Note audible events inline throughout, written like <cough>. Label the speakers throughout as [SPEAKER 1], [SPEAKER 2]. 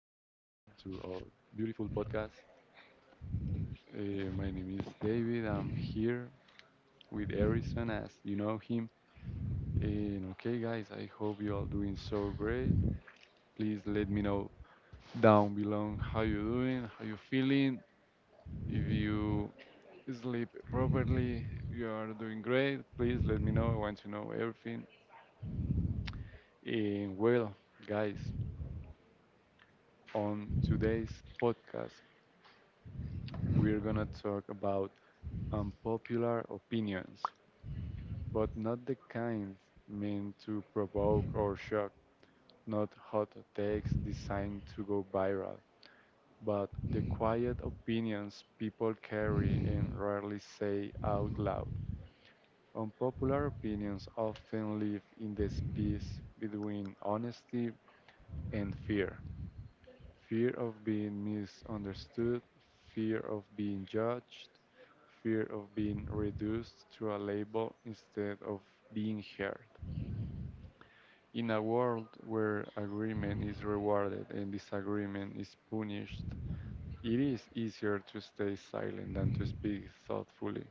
[SPEAKER 1] our beautiful podcast. My name is David. I'm here with Harrison, as you know him. And okay, guys, I hope you all doing so great. Please let me know down below how you doing, how you feeling. If you sleep properly, you are doing great. Please let me know. I want to know everything. And well, guys, on today's podcast, we're gonna talk about unpopular opinions, but not the kind meant to provoke or shock, not hot takes designed to go viral, but the quiet opinions people carry and rarely say out loud. Unpopular opinions often live in the space between honesty and fear. Fear of being misunderstood, fear of being judged, fear of being reduced to a label instead of being heard. In a world where agreement is rewarded and disagreement is punished, it is easier to stay silent than to speak thoughtfully.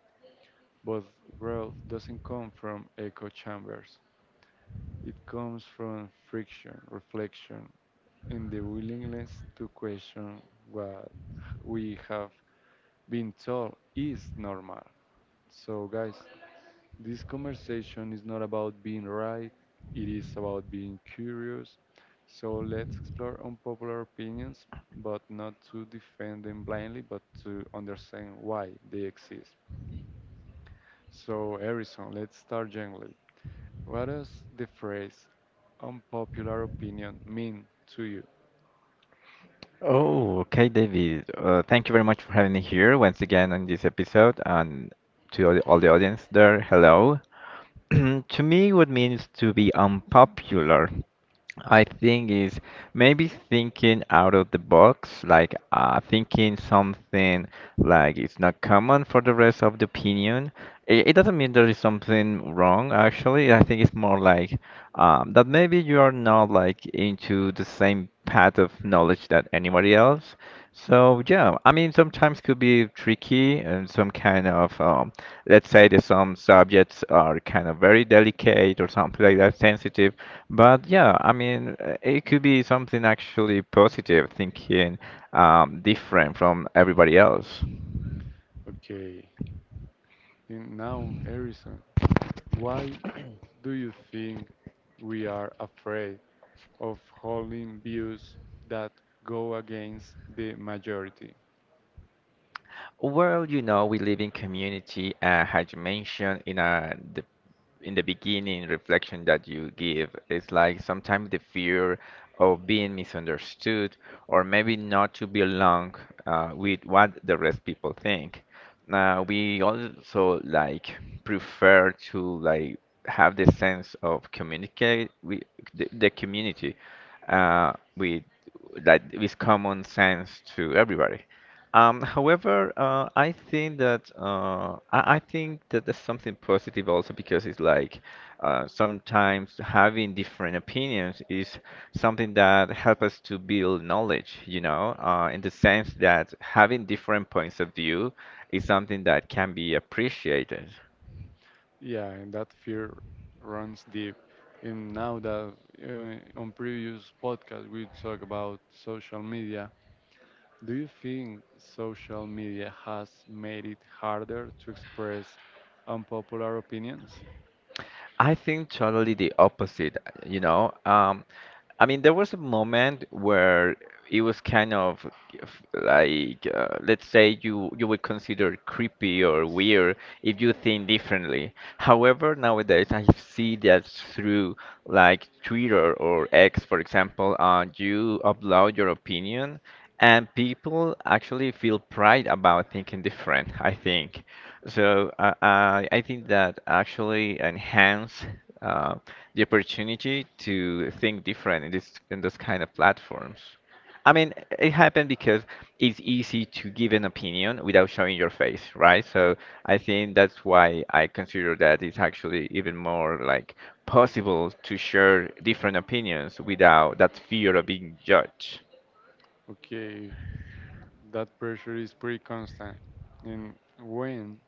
[SPEAKER 1] But growth doesn't come from echo chambers. It comes from friction, reflection, and the willingness to question what we have been told is normal. So, guys, this conversation is not about being right, it is about being curious. So let's explore unpopular opinions, but not to defend them blindly, but to understand why they exist. So, Harrison, let's start gently. What does the phrase unpopular opinion mean to you?
[SPEAKER 2] Oh, okay, David. Thank you very much for having me here once again on this episode. And to all the audience there, hello. <clears throat> To me, what means to be unpopular, I think, is maybe thinking out of the box, like thinking something like it's not common for the rest of the opinion. It doesn't mean there is something wrong, actually. I think it's more like that maybe you are not like into the same path of knowledge that anybody else. So yeah, I mean sometimes could be tricky and some kind of let's say that some subjects are kind of very delicate or something like that, sensitive. But yeah, I mean it could be something actually positive, thinking different from everybody else.
[SPEAKER 1] Okay, and now, Harrison, why do you think we are afraid of holding views that go against the majority?
[SPEAKER 2] We live in community, as you mentioned in a the in the beginning reflection that you give. It's like sometimes the fear of being misunderstood or maybe not to belong with what the rest people think. Now, we also like prefer to like have the sense of communicate with the community with that is common sense to everybody. However, I think that there's something positive also because it's like sometimes having different opinions is something that help us to build knowledge, in the sense that having different points of view is something that can be appreciated.
[SPEAKER 1] Yeah, and that fear runs deep. And now that on previous podcast we talk about social media, do you think social media has made it harder to express unpopular opinions?
[SPEAKER 2] I think totally the opposite, you know. I mean, there was a moment where it was kind of like, let's say you would consider creepy or weird if you think differently. However, nowadays I see that through like Twitter or X, for example, you upload your opinion, and people actually feel pride about thinking different, I think. So I think that actually enhance uh, the opportunity to think different in this kind of platforms. I mean, it happened because it's easy to give an opinion without showing your face, right? So I think that's why I consider that it's actually even more like possible to share different opinions without that fear of being judged.
[SPEAKER 1] Okay, that pressure is pretty constant. And when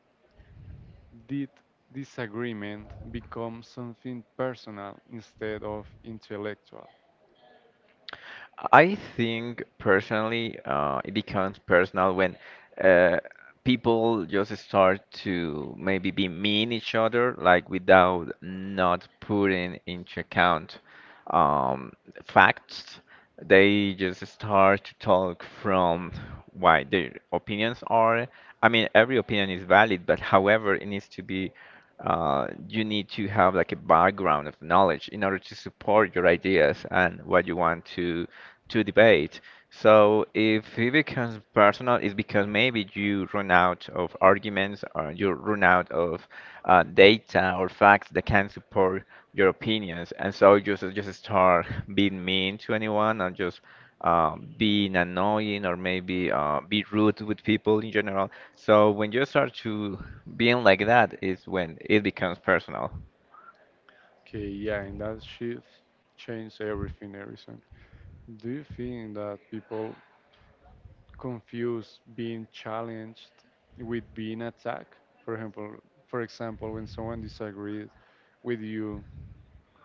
[SPEAKER 1] did disagreement become something personal instead of intellectual?
[SPEAKER 2] I think personally, it becomes personal when uh, people just start to maybe be mean each other, like without not putting into account um, facts. They just start to talk from why their opinions are. I mean, every opinion is valid, but however, it needs to be you need to have like a background of knowledge in order to support your ideas and what you want to debate. So if it becomes personal, it's because maybe you run out of arguments or you run out of data or facts that can support your opinions, and so you just start being mean to anyone or just being annoying or maybe be rude with people in general. So when you start to being like that is when it becomes personal.
[SPEAKER 1] Okay, yeah, and that shift changed everything, everything. Do you think that people confuse being challenged with being attacked? For example, for example, when someone disagrees with you,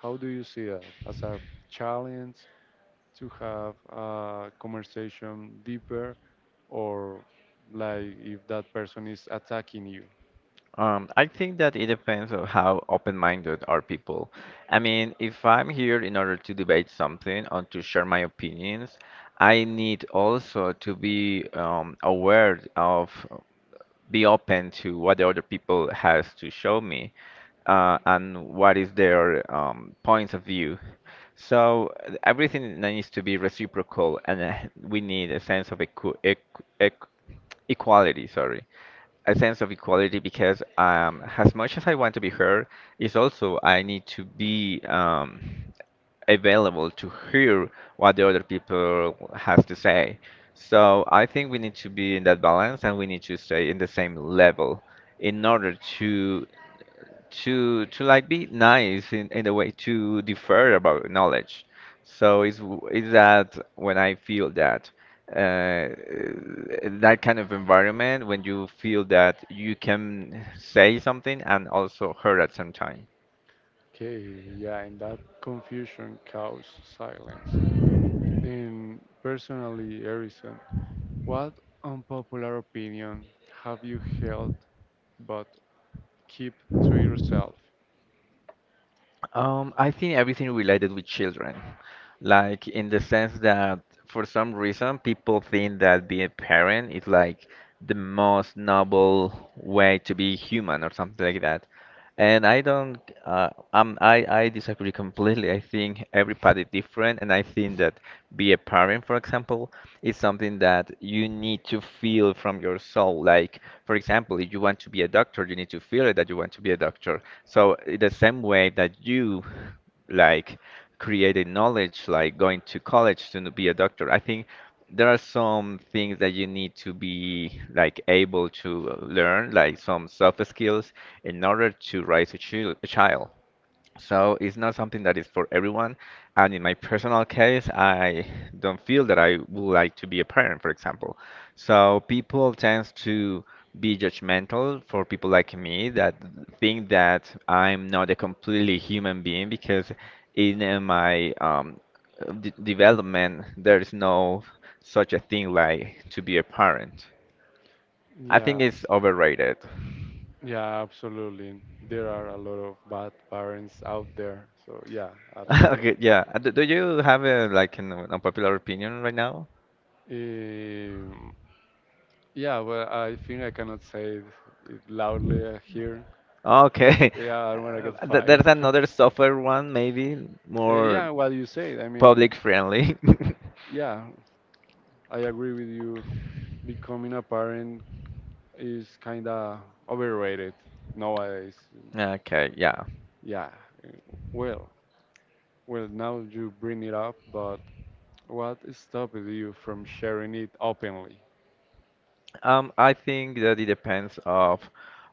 [SPEAKER 1] how do you see that as a challenge to have a conversation deeper, or like if that person is attacking you?
[SPEAKER 2] I think that it depends on how open-minded are people. I mean, if I'm here in order to debate something or to share my opinions, I need also to be aware of be open to what the other people has to show me and what is their points of view. So everything needs to be reciprocal, and we need a sense of equi equ equ equality, sorry, a sense of equality because as much as I want to be heard, is also I need to be available to hear what the other people has to say. So I think we need to be in that balance and we need to stay in the same level in order to like be nice in a way to defer about knowledge. So it's it's that when I feel that uh, that kind of environment when you feel that you can say something and also hurt at some time.
[SPEAKER 1] Okay, yeah, and that confusion causes silence. And personally, Harrison, what unpopular opinion have you held but keep to yourself.
[SPEAKER 2] I think everything related with children, like in the sense that for some reason people think that being a parent is like the most noble way to be human or something like that. And I don't, I disagree completely. I think everybody different, and I think that be a parent, for example, it's something that you need to feel from your soul. Like, for example, if you want to be a doctor, you need to feel it that you want to be a doctor. So, in the same way that you like creating knowledge, like going to college to be a doctor, I think there are some things that you need to be like able to learn, like some soft skills, in order to raise a a child. So it's not something that is for everyone. And in my personal case, I don't feel that I would like to be a parent, for example. So people tend to be judgmental for people like me that think that I'm not a completely human being because in my d development, there is no such a thing like to be a parent. I think
[SPEAKER 1] Yeah,
[SPEAKER 2] it's overrated. <laughs>
[SPEAKER 1] yeah, absolutely. There are a lot of bad parents out there. So yeah,
[SPEAKER 2] Okay,
[SPEAKER 1] absolutely.
[SPEAKER 2] yeah. Do you have a, like an unpopular opinion right now?
[SPEAKER 1] Um, yeah, well, I think I cannot say it loudly here.
[SPEAKER 2] Okay. <laughs>
[SPEAKER 1] Yeah, I don't want to get fired.
[SPEAKER 2] There's
[SPEAKER 1] <laughs>
[SPEAKER 2] another software one, maybe
[SPEAKER 1] Yeah,
[SPEAKER 2] more
[SPEAKER 1] what you say. I mean,
[SPEAKER 2] public friendly. <laughs>
[SPEAKER 1] yeah, I agree with you. Becoming a parent is kind of overrated nowadays.
[SPEAKER 2] Okay, yeah.
[SPEAKER 1] Yeah, uh, well, well, now you bring it up, but what stopped you from sharing it openly?
[SPEAKER 2] I think that it depends of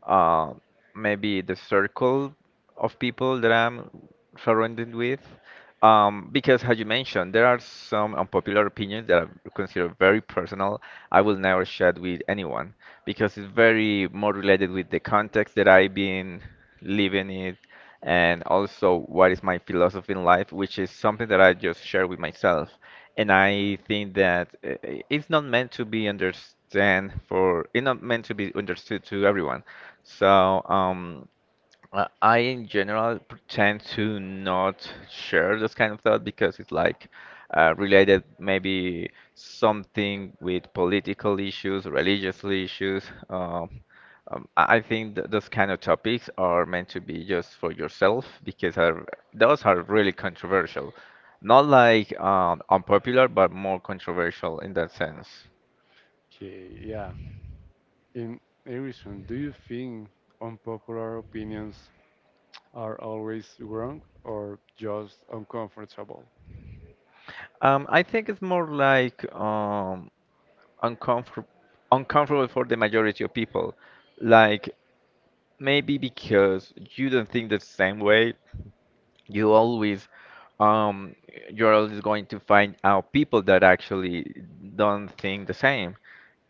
[SPEAKER 2] uh, maybe the circle of people that I'm surrounded with. Because, as you mentioned, there are some unpopular opinions that I consider very personal. I will never share with anyone because it's very more related with the context that I've been living it and also what is my philosophy in life, which is something that I just share with myself. And I think that it's not meant to be understand for, it's not meant to be understood to everyone. So, in general, tend to not share this kind of thought because it's like related maybe something with political issues, religious issues. I think th those kind of topics are meant to be just for yourself because are, those are really controversial. Not like unpopular, but more controversial in that sense.
[SPEAKER 1] Okay, yeah. In Erison, do you think unpopular opinions are always wrong or just uncomfortable?
[SPEAKER 2] I think it's more like um, uncomfort- uncomfortable for the majority of people. Like maybe because you don't think the same way, you always um you're always going to find out people that actually don't think the same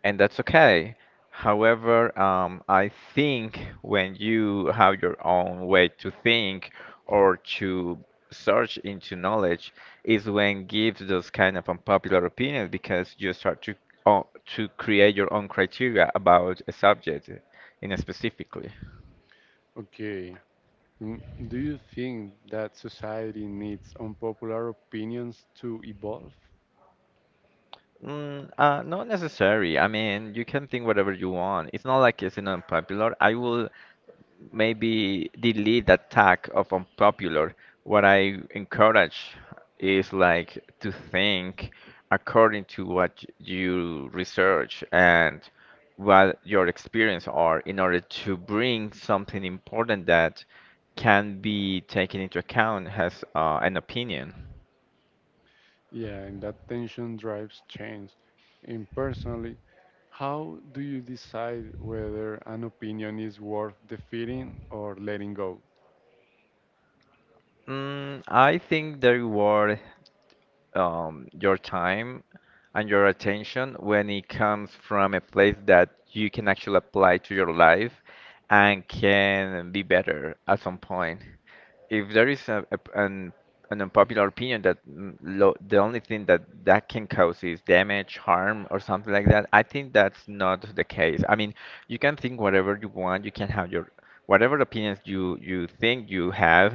[SPEAKER 2] and that's okay. However, I think when you have your own way to think or to search into knowledge is when gives those kind of unpopular opinions because you start to o- to create your own criteria about a subject in a specifically.
[SPEAKER 1] Okay. mm, Do you think that society needs unpopular opinions to evolve?
[SPEAKER 2] Not necessary. I mean, you can think whatever you want. It's not like it's an unpopular. I will maybe delete that tag of unpopular. What I encourage is like to think according to what you research and what your experience are in order to bring something important that can be taken into account as an opinion.
[SPEAKER 1] Yeah, and that tension drives change. And personally, how do you decide whether an opinion is worth defeating or letting go?
[SPEAKER 2] Mm, I think the reward your time and your attention when it comes from a place that you can actually apply to your life and can be better at some point. If there is an unpopular opinion that mm, lo the only thing that that can cause is damage, harm, or something like that, I think that's not the case. I mean, you can think whatever you want, you can have your whatever opinions you think you have,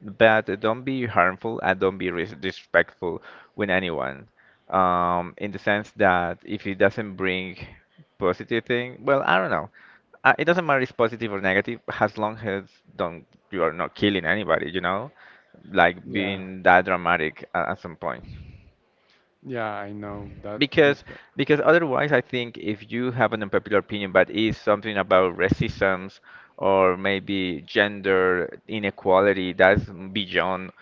[SPEAKER 2] but don't be harmful and don't be res disrespectful with anyone. In the sense that if it doesn't bring positive thing, well, I don't know. It doesn't matter if positive or negative, as long as don't you are not killing anybody, you know, like
[SPEAKER 1] Yeah.
[SPEAKER 2] being that dramatic at some point.
[SPEAKER 1] Yeah, I know that thank
[SPEAKER 2] Because
[SPEAKER 1] this.
[SPEAKER 2] because otherwise, I think if you have an unpopular opinion, but is something about racism or maybe gender inequality, that's beyond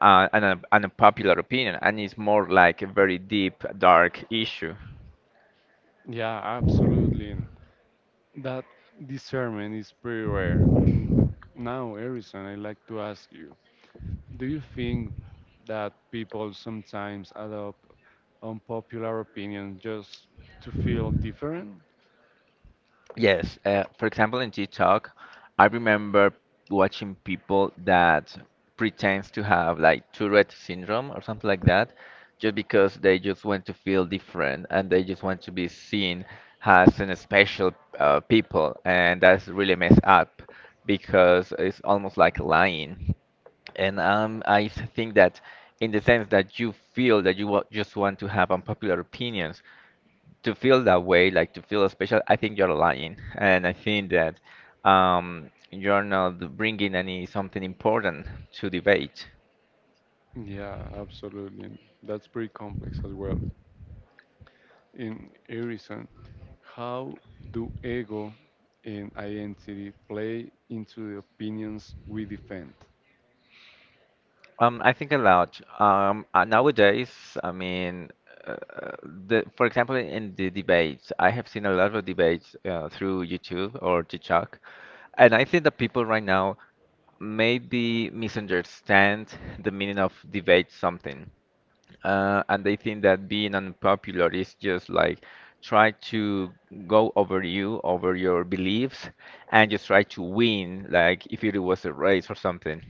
[SPEAKER 2] an unpopular opinion, and it's more like a very deep, dark issue.
[SPEAKER 1] Yeah, absolutely. And that discernment is pretty rare. Now, Harrison, I'd like to ask you: do you think that people sometimes adopt unpopular opinions just to feel different?
[SPEAKER 2] Yes, for example, in TikTok, I remember watching people that pretends to have like Tourette syndrome or something like that, just because they just want to feel different and they just want to be seen as an special people, and that's really messed up because it's almost like lying. And I think that in the sense that you feel that you just want to have unpopular opinions to feel that way, like to feel special, I think you're lying, and I think that you're not bringing any something important to debate.
[SPEAKER 1] Yeah, absolutely. And that's pretty complex as well. In Harrison, how do ego and identity play into the opinions we defend?
[SPEAKER 2] I think a lot. Nowadays, I mean, uh, the for example, in the debates, I have seen a lot of debates through YouTube or TikTok, and I think that people right now maybe misunderstand the meaning of debate something. And they think that being unpopular is just like try to go over you, over your beliefs, and just try to win, like if it was a race or something.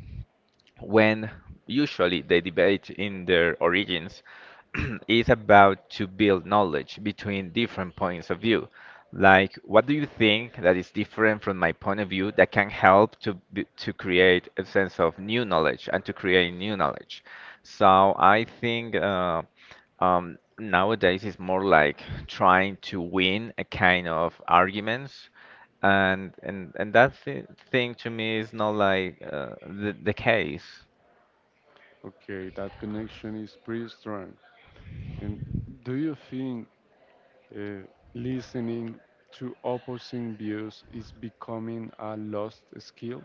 [SPEAKER 2] When usually the debate in their origins <clears throat> is about to build knowledge between different points of view. Like, what do you think that is different from my point of view that can help to to create a sense of new knowledge and to create new knowledge? So I think nowadays it's more like trying to win a kind of arguments. And that th thing to me is not like the case.
[SPEAKER 1] Okay, that connection is pretty strong. And do you think uh, listening to opposing views is becoming a lost skill?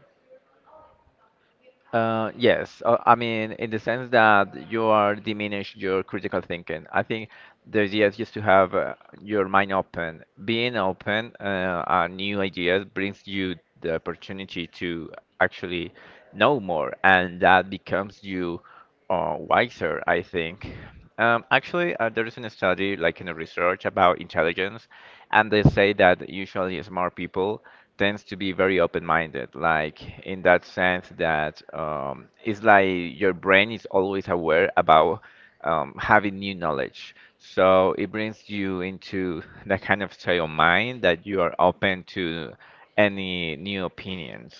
[SPEAKER 2] Yes, I mean, in the sense that you are diminish your critical thinking. I think the idea is just to have your mind open. Being open and new ideas brings you the opportunity to actually know more, and that becomes you wiser, I think. Actually, there is a study, like in a research about intelligence, and they say that usually smart people tends to be very open-minded, like in that sense that it's like your brain is always aware about having new knowledge. So it brings you into that kind of state of mind that you are open to any new opinions.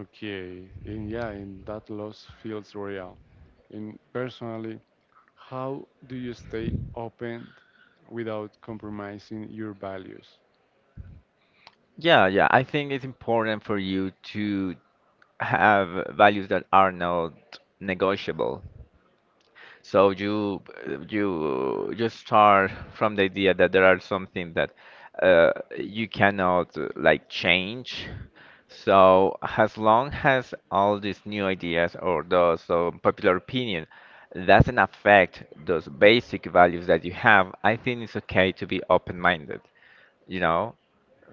[SPEAKER 1] Okay, and yeah, and that loss feels real. And personally, how do you stay open without compromising your values?
[SPEAKER 2] Yeah, yeah, I think it's important for you to have values that are not negotiable. So you just start from the idea that there are something that uh, you cannot like change. So as long as all these new ideas or those popular opinion doesn't affect those basic values that you have, I think it's okay to be open-minded you know.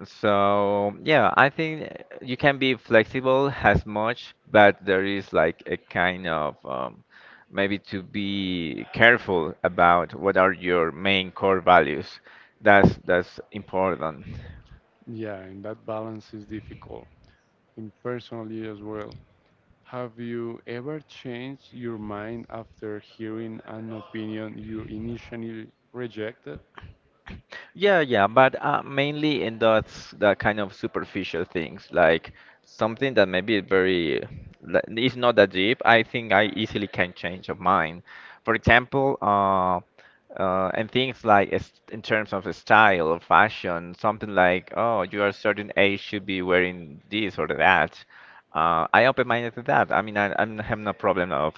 [SPEAKER 2] So yeah, I think you can be flexible as much, but there is like a kind of maybe to be careful about what are your main core values. That's important.
[SPEAKER 1] Yeah, and that balance is difficult. And personally as well, have you ever changed your mind after hearing an opinion you initially rejected?
[SPEAKER 2] Yeah, yeah, but mainly in that kind of superficial things, like something that maybe is very, like, it's not that deep. I think I easily can change of mind. For example, and things like in terms of style or fashion, something like, oh, you are certain age should be wearing this or that. I open-minded to that. I mean, I'm having no problem of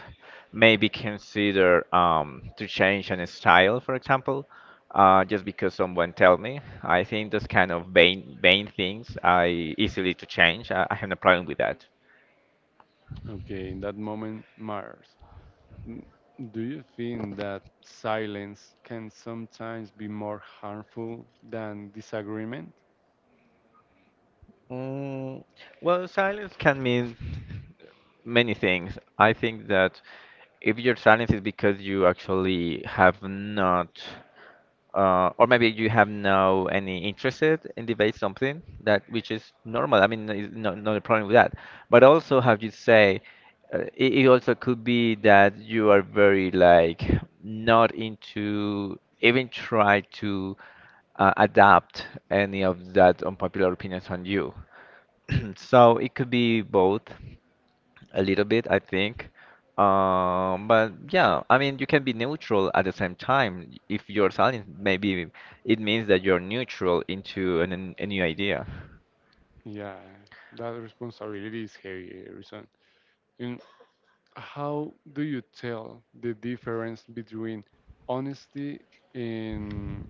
[SPEAKER 2] maybe consider to change an style, for example just because someone tell me. I think those kind of vain things I easily to change. I have no problem with that.
[SPEAKER 1] Okay, in that moment matters. N- Do you think that silence can sometimes be more harmful than disagreement?
[SPEAKER 2] Mm, well, silence can mean many things. I think that if your silence is because you actually have not. Or maybe you have no any interested in debate something that which is normal. I mean, no, no, no problem with that. But also, have you say, it also could be that you are very like not into even try to adapt any of that unpopular opinions on you. <clears throat> So it could be both a little bit, I think. But yeah, I mean, you can be neutral at the same time. If you're silent, maybe it means that you're neutral into a new idea.
[SPEAKER 1] Yeah, that responsibility is heavy, Harrison. And how do you tell the difference between honesty and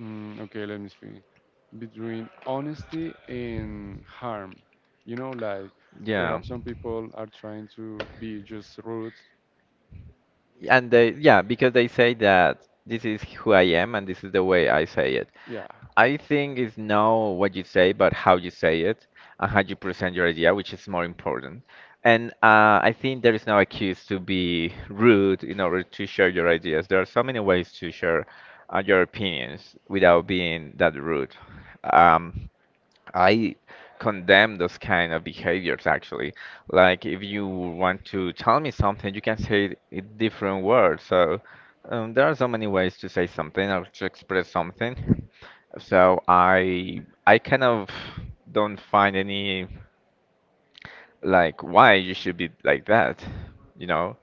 [SPEAKER 1] Okay, let me see. Between honesty and harm. You know, like
[SPEAKER 2] Yeah.
[SPEAKER 1] perhaps some people are trying to be just rude.
[SPEAKER 2] And they, yeah, because they say that this is who I am and this is the way I say it.
[SPEAKER 1] Yeah,
[SPEAKER 2] I think it's not what you say, but how you say it and how you present your idea, which is more important. And I think there is no excuse to be rude in order to share your ideas. There are so many ways to share your opinions without being that rude. Um, I condemn those kind of behaviors actually. Like if you want to tell me something, you can say it in different words. So there are so many ways to say something or to express something. So I kind of don't find any like why you should be like that, you know?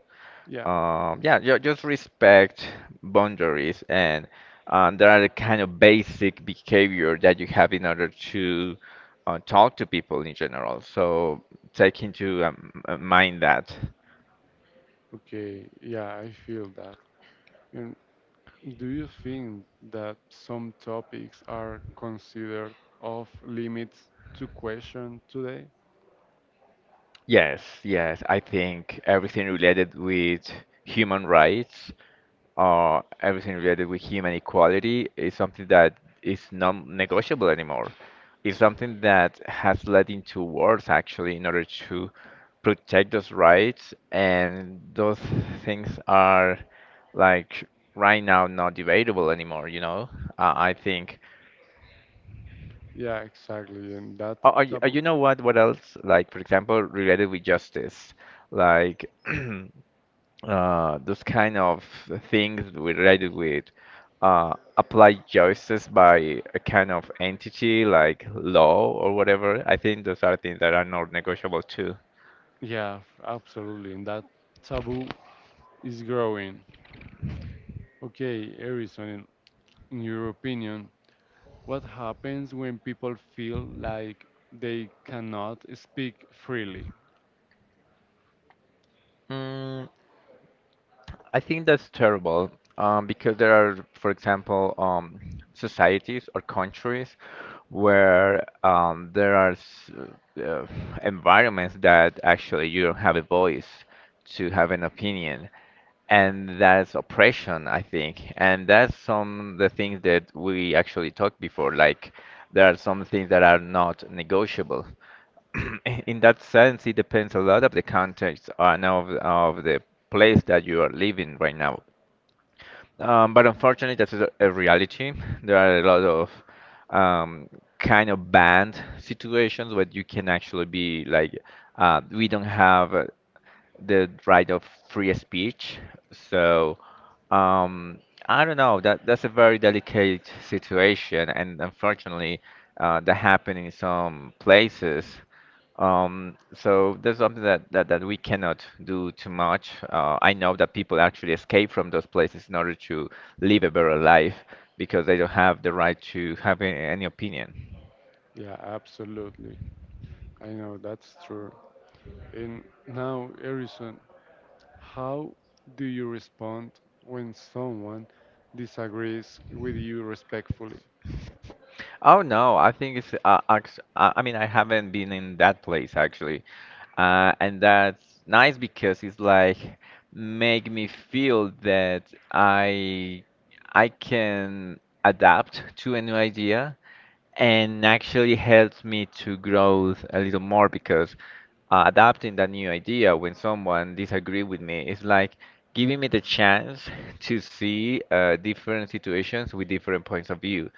[SPEAKER 1] yeah,
[SPEAKER 2] Yeah, just respect boundaries, and there are the kind of basic behavior that you have in order to talk to people in general. So take into mind that.
[SPEAKER 1] okay, yeah, I feel that. And do you think that some topics are considered off limits to question today?
[SPEAKER 2] Yes, yes, I think everything related with human rights everything related with human equality is something that is non-negotiable anymore. It's something that has led into wars actually in order to protect those rights, and those things are like right now not debatable anymore, you know? I think.
[SPEAKER 1] Yeah, exactly. And that
[SPEAKER 2] You
[SPEAKER 1] taboo.
[SPEAKER 2] know what? What else? Like, for example, related with justice, like. <clears throat> Those kind of things related with applied choices by a kind of entity like law or whatever. I think those are things that are not negotiable too.
[SPEAKER 1] Yeah, absolutely. And that taboo is growing. Okay, Harrison, in your opinion, what happens when people feel like they cannot speak freely?
[SPEAKER 2] I think that's terrible because there are, for example, societies or countries where there are uh, environments that actually you don't have a voice to have an opinion. And that's oppression, I think. And that's some the things that we actually talked before. Like there are some things that are not negotiable. <clears throat> In that sense, it depends a lot of the context and of the place that you are living right now. But unfortunately, that's a reality. There are a lot of um, kind of banned situations where you can actually be like, we don't have the right of free speech. So um, I don't know. That's a very delicate situation, and unfortunately, that happened in some places. So there's something that, we cannot do too much. I know that people actually escape from those places in order to live a better life because they don't have the right to have any opinion.
[SPEAKER 1] Yeah, absolutely. I know that's true. And now, Harrison, how do you respond when someone disagrees with you respectfully?
[SPEAKER 2] Oh no, I think it's I mean I haven't been in that place actually. And that's nice because it's like make me feel that I I can adapt to a new idea and actually helps me to grow a little more because adapting that new idea when someone disagree with me is like giving me the chance to see different situations with different points of view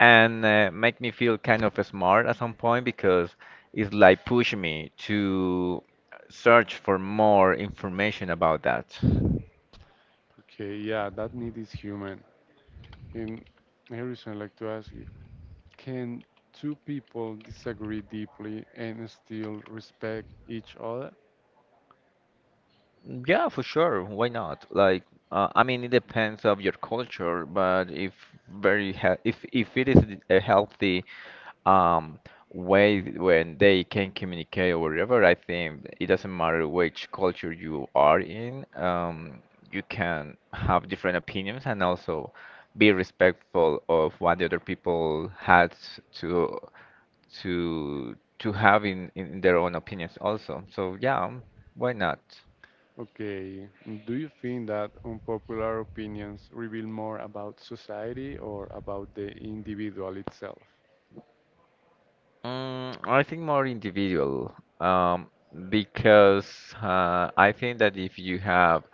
[SPEAKER 2] and make me feel kind of smart at some point because it's like push me to search for more information about that.
[SPEAKER 1] Okay, yeah, that need is human. And Harrison, I'd like to ask you, can two people disagree deeply and still respect each other?
[SPEAKER 2] Yeah, for sure. Why not? Like, I mean, it depends of your culture, but if very he if it is a healthy um way when they can communicate or whatever I think it doesn't matter which culture you are in, you can have different opinions and also be respectful of what the other people had to to have in their own opinions also. So yeah, why not?
[SPEAKER 1] Okay, do you think that unpopular opinions reveal more about society or about the individual itself?
[SPEAKER 2] Mm, I think more individual, um, because I think that if you have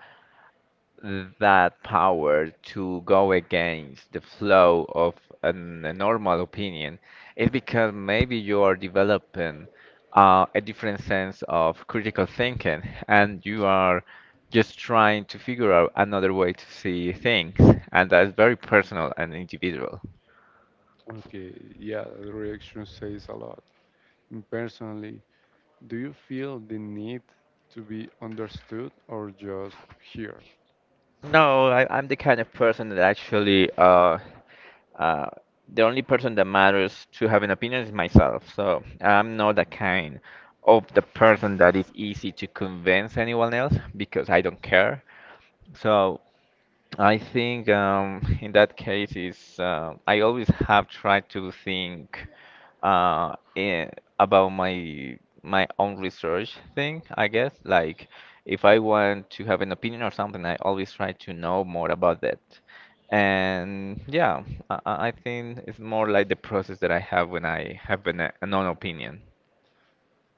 [SPEAKER 2] that power to go against the flow of a normal opinion is because maybe you are developing a different sense of critical thinking and you are just trying to figure out another way to see things. And that's very personal and individual.
[SPEAKER 1] Okay, yeah, the reaction says a lot. Mm, personally, do you feel the need to be understood or just heard?
[SPEAKER 2] No, I'm the kind of person that actually uh, the only person that matters to have an opinion is myself. So I'm not the kind of the person that is easy to convince anyone else because I don't care. So I think <laughs> in that case is I always have tried to think uh, in, about my own research thing, I guess. Like if I want to have an opinion or something, I always try to know more about that. And yeah, I think it's more like the process that I have when I have a non-opinion.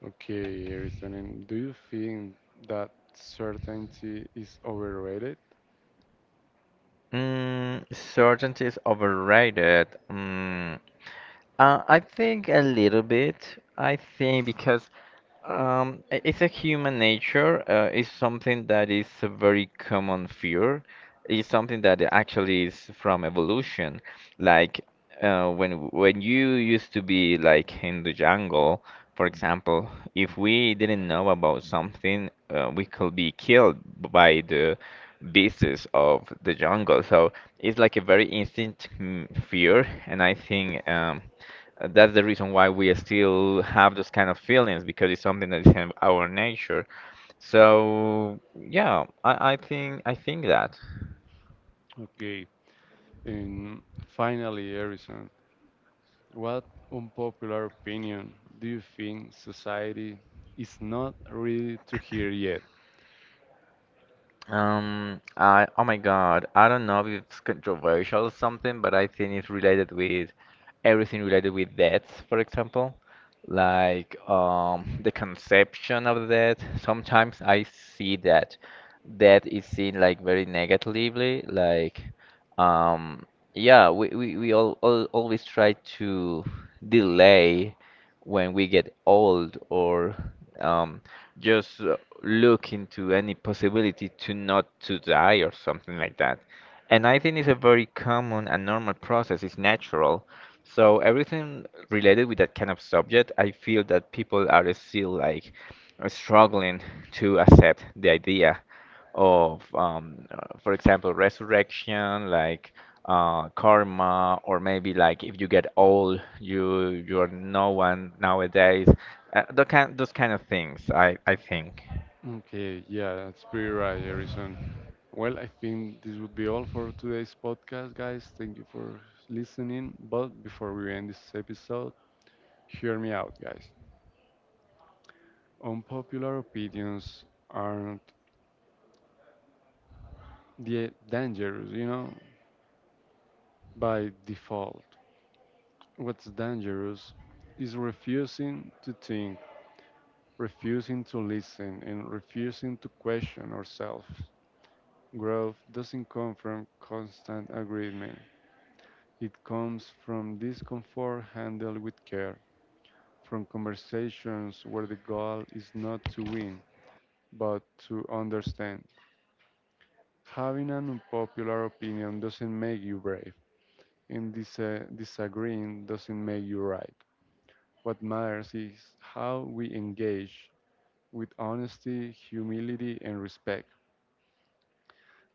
[SPEAKER 1] Okay, Aristotle, do you think that certainty is overrated?
[SPEAKER 2] Mm, certainty is overrated. Mm, I think a little bit. I think because it's a human nature. It's something that is a very common fear. It's something that actually is from evolution. Like when you used to be like in the jungle, for example, if we didn't know about something, we could be killed by the beasts of the jungle. So it's like a very instinct fear, and I think that's the reason why we still have those kind of feelings because it's something that is in our nature. So yeah, I think that.
[SPEAKER 1] Okay, and finally, Harrison. What unpopular opinion do you think society is not ready to hear yet?
[SPEAKER 2] I oh my God, I don't know if it's controversial or something, but I think it's related with everything related with deaths, for example, like the conception of death. Sometimes I see that death is seen like very negatively, like um yeah, all always try to delay when we get old or um just look into any possibility to not to die or something like that. And I think it's a very common and normal process. It's natural. So everything related with that kind of subject, I feel that people are still like struggling to accept the idea of, for example, resurrection, like karma, or maybe like if you get old, you're no one nowadays. Those kind of things, I think.
[SPEAKER 1] Okay, yeah, that's pretty right, Harrison. Well, I think this would be all for today's podcast, guys. Thank you for listening. But before we end this episode, hear me out, guys. Unpopular opinions aren't the dangerous, by default. What's dangerous is refusing to think refusing to listen and refusing to question ourselves. Growth doesn't come from constant agreement. It comes from discomfort handled with care, from conversations where the goal is not to win, but to understand. Having an unpopular opinion doesn't make you brave, and dis- disagreeing doesn't make you right. What matters is how we engage with honesty, humility, and respect.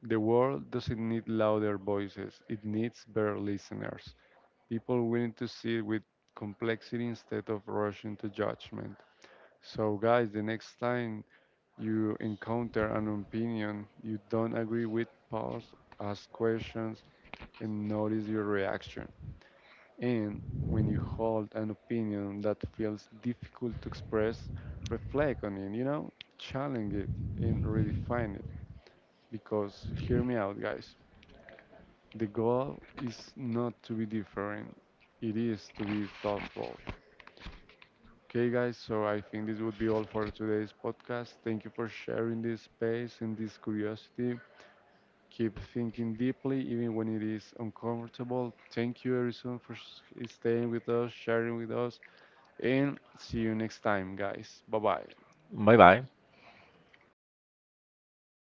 [SPEAKER 1] The world doesn't need louder voices, it needs better listeners. People willing to sit with complexity instead of rushing to judgment. So, guys, the next time you encounter an opinion you don't agree with, pause, ask questions, and notice your reaction. And when you hold an opinion that feels difficult to express, reflect on it, you know, challenge it and redefine it. Because, hear me out, guys. The goal is not to be different, it is to be thoughtful. Okay, guys, so I think this would be all for today's podcast. Thank you for sharing this space and this curiosity. Keep thinking deeply, even when it is uncomfortable. Thank you, Harrison, for staying with us, sharing with us, and see you next time, guys. Bye bye.
[SPEAKER 2] Bye bye.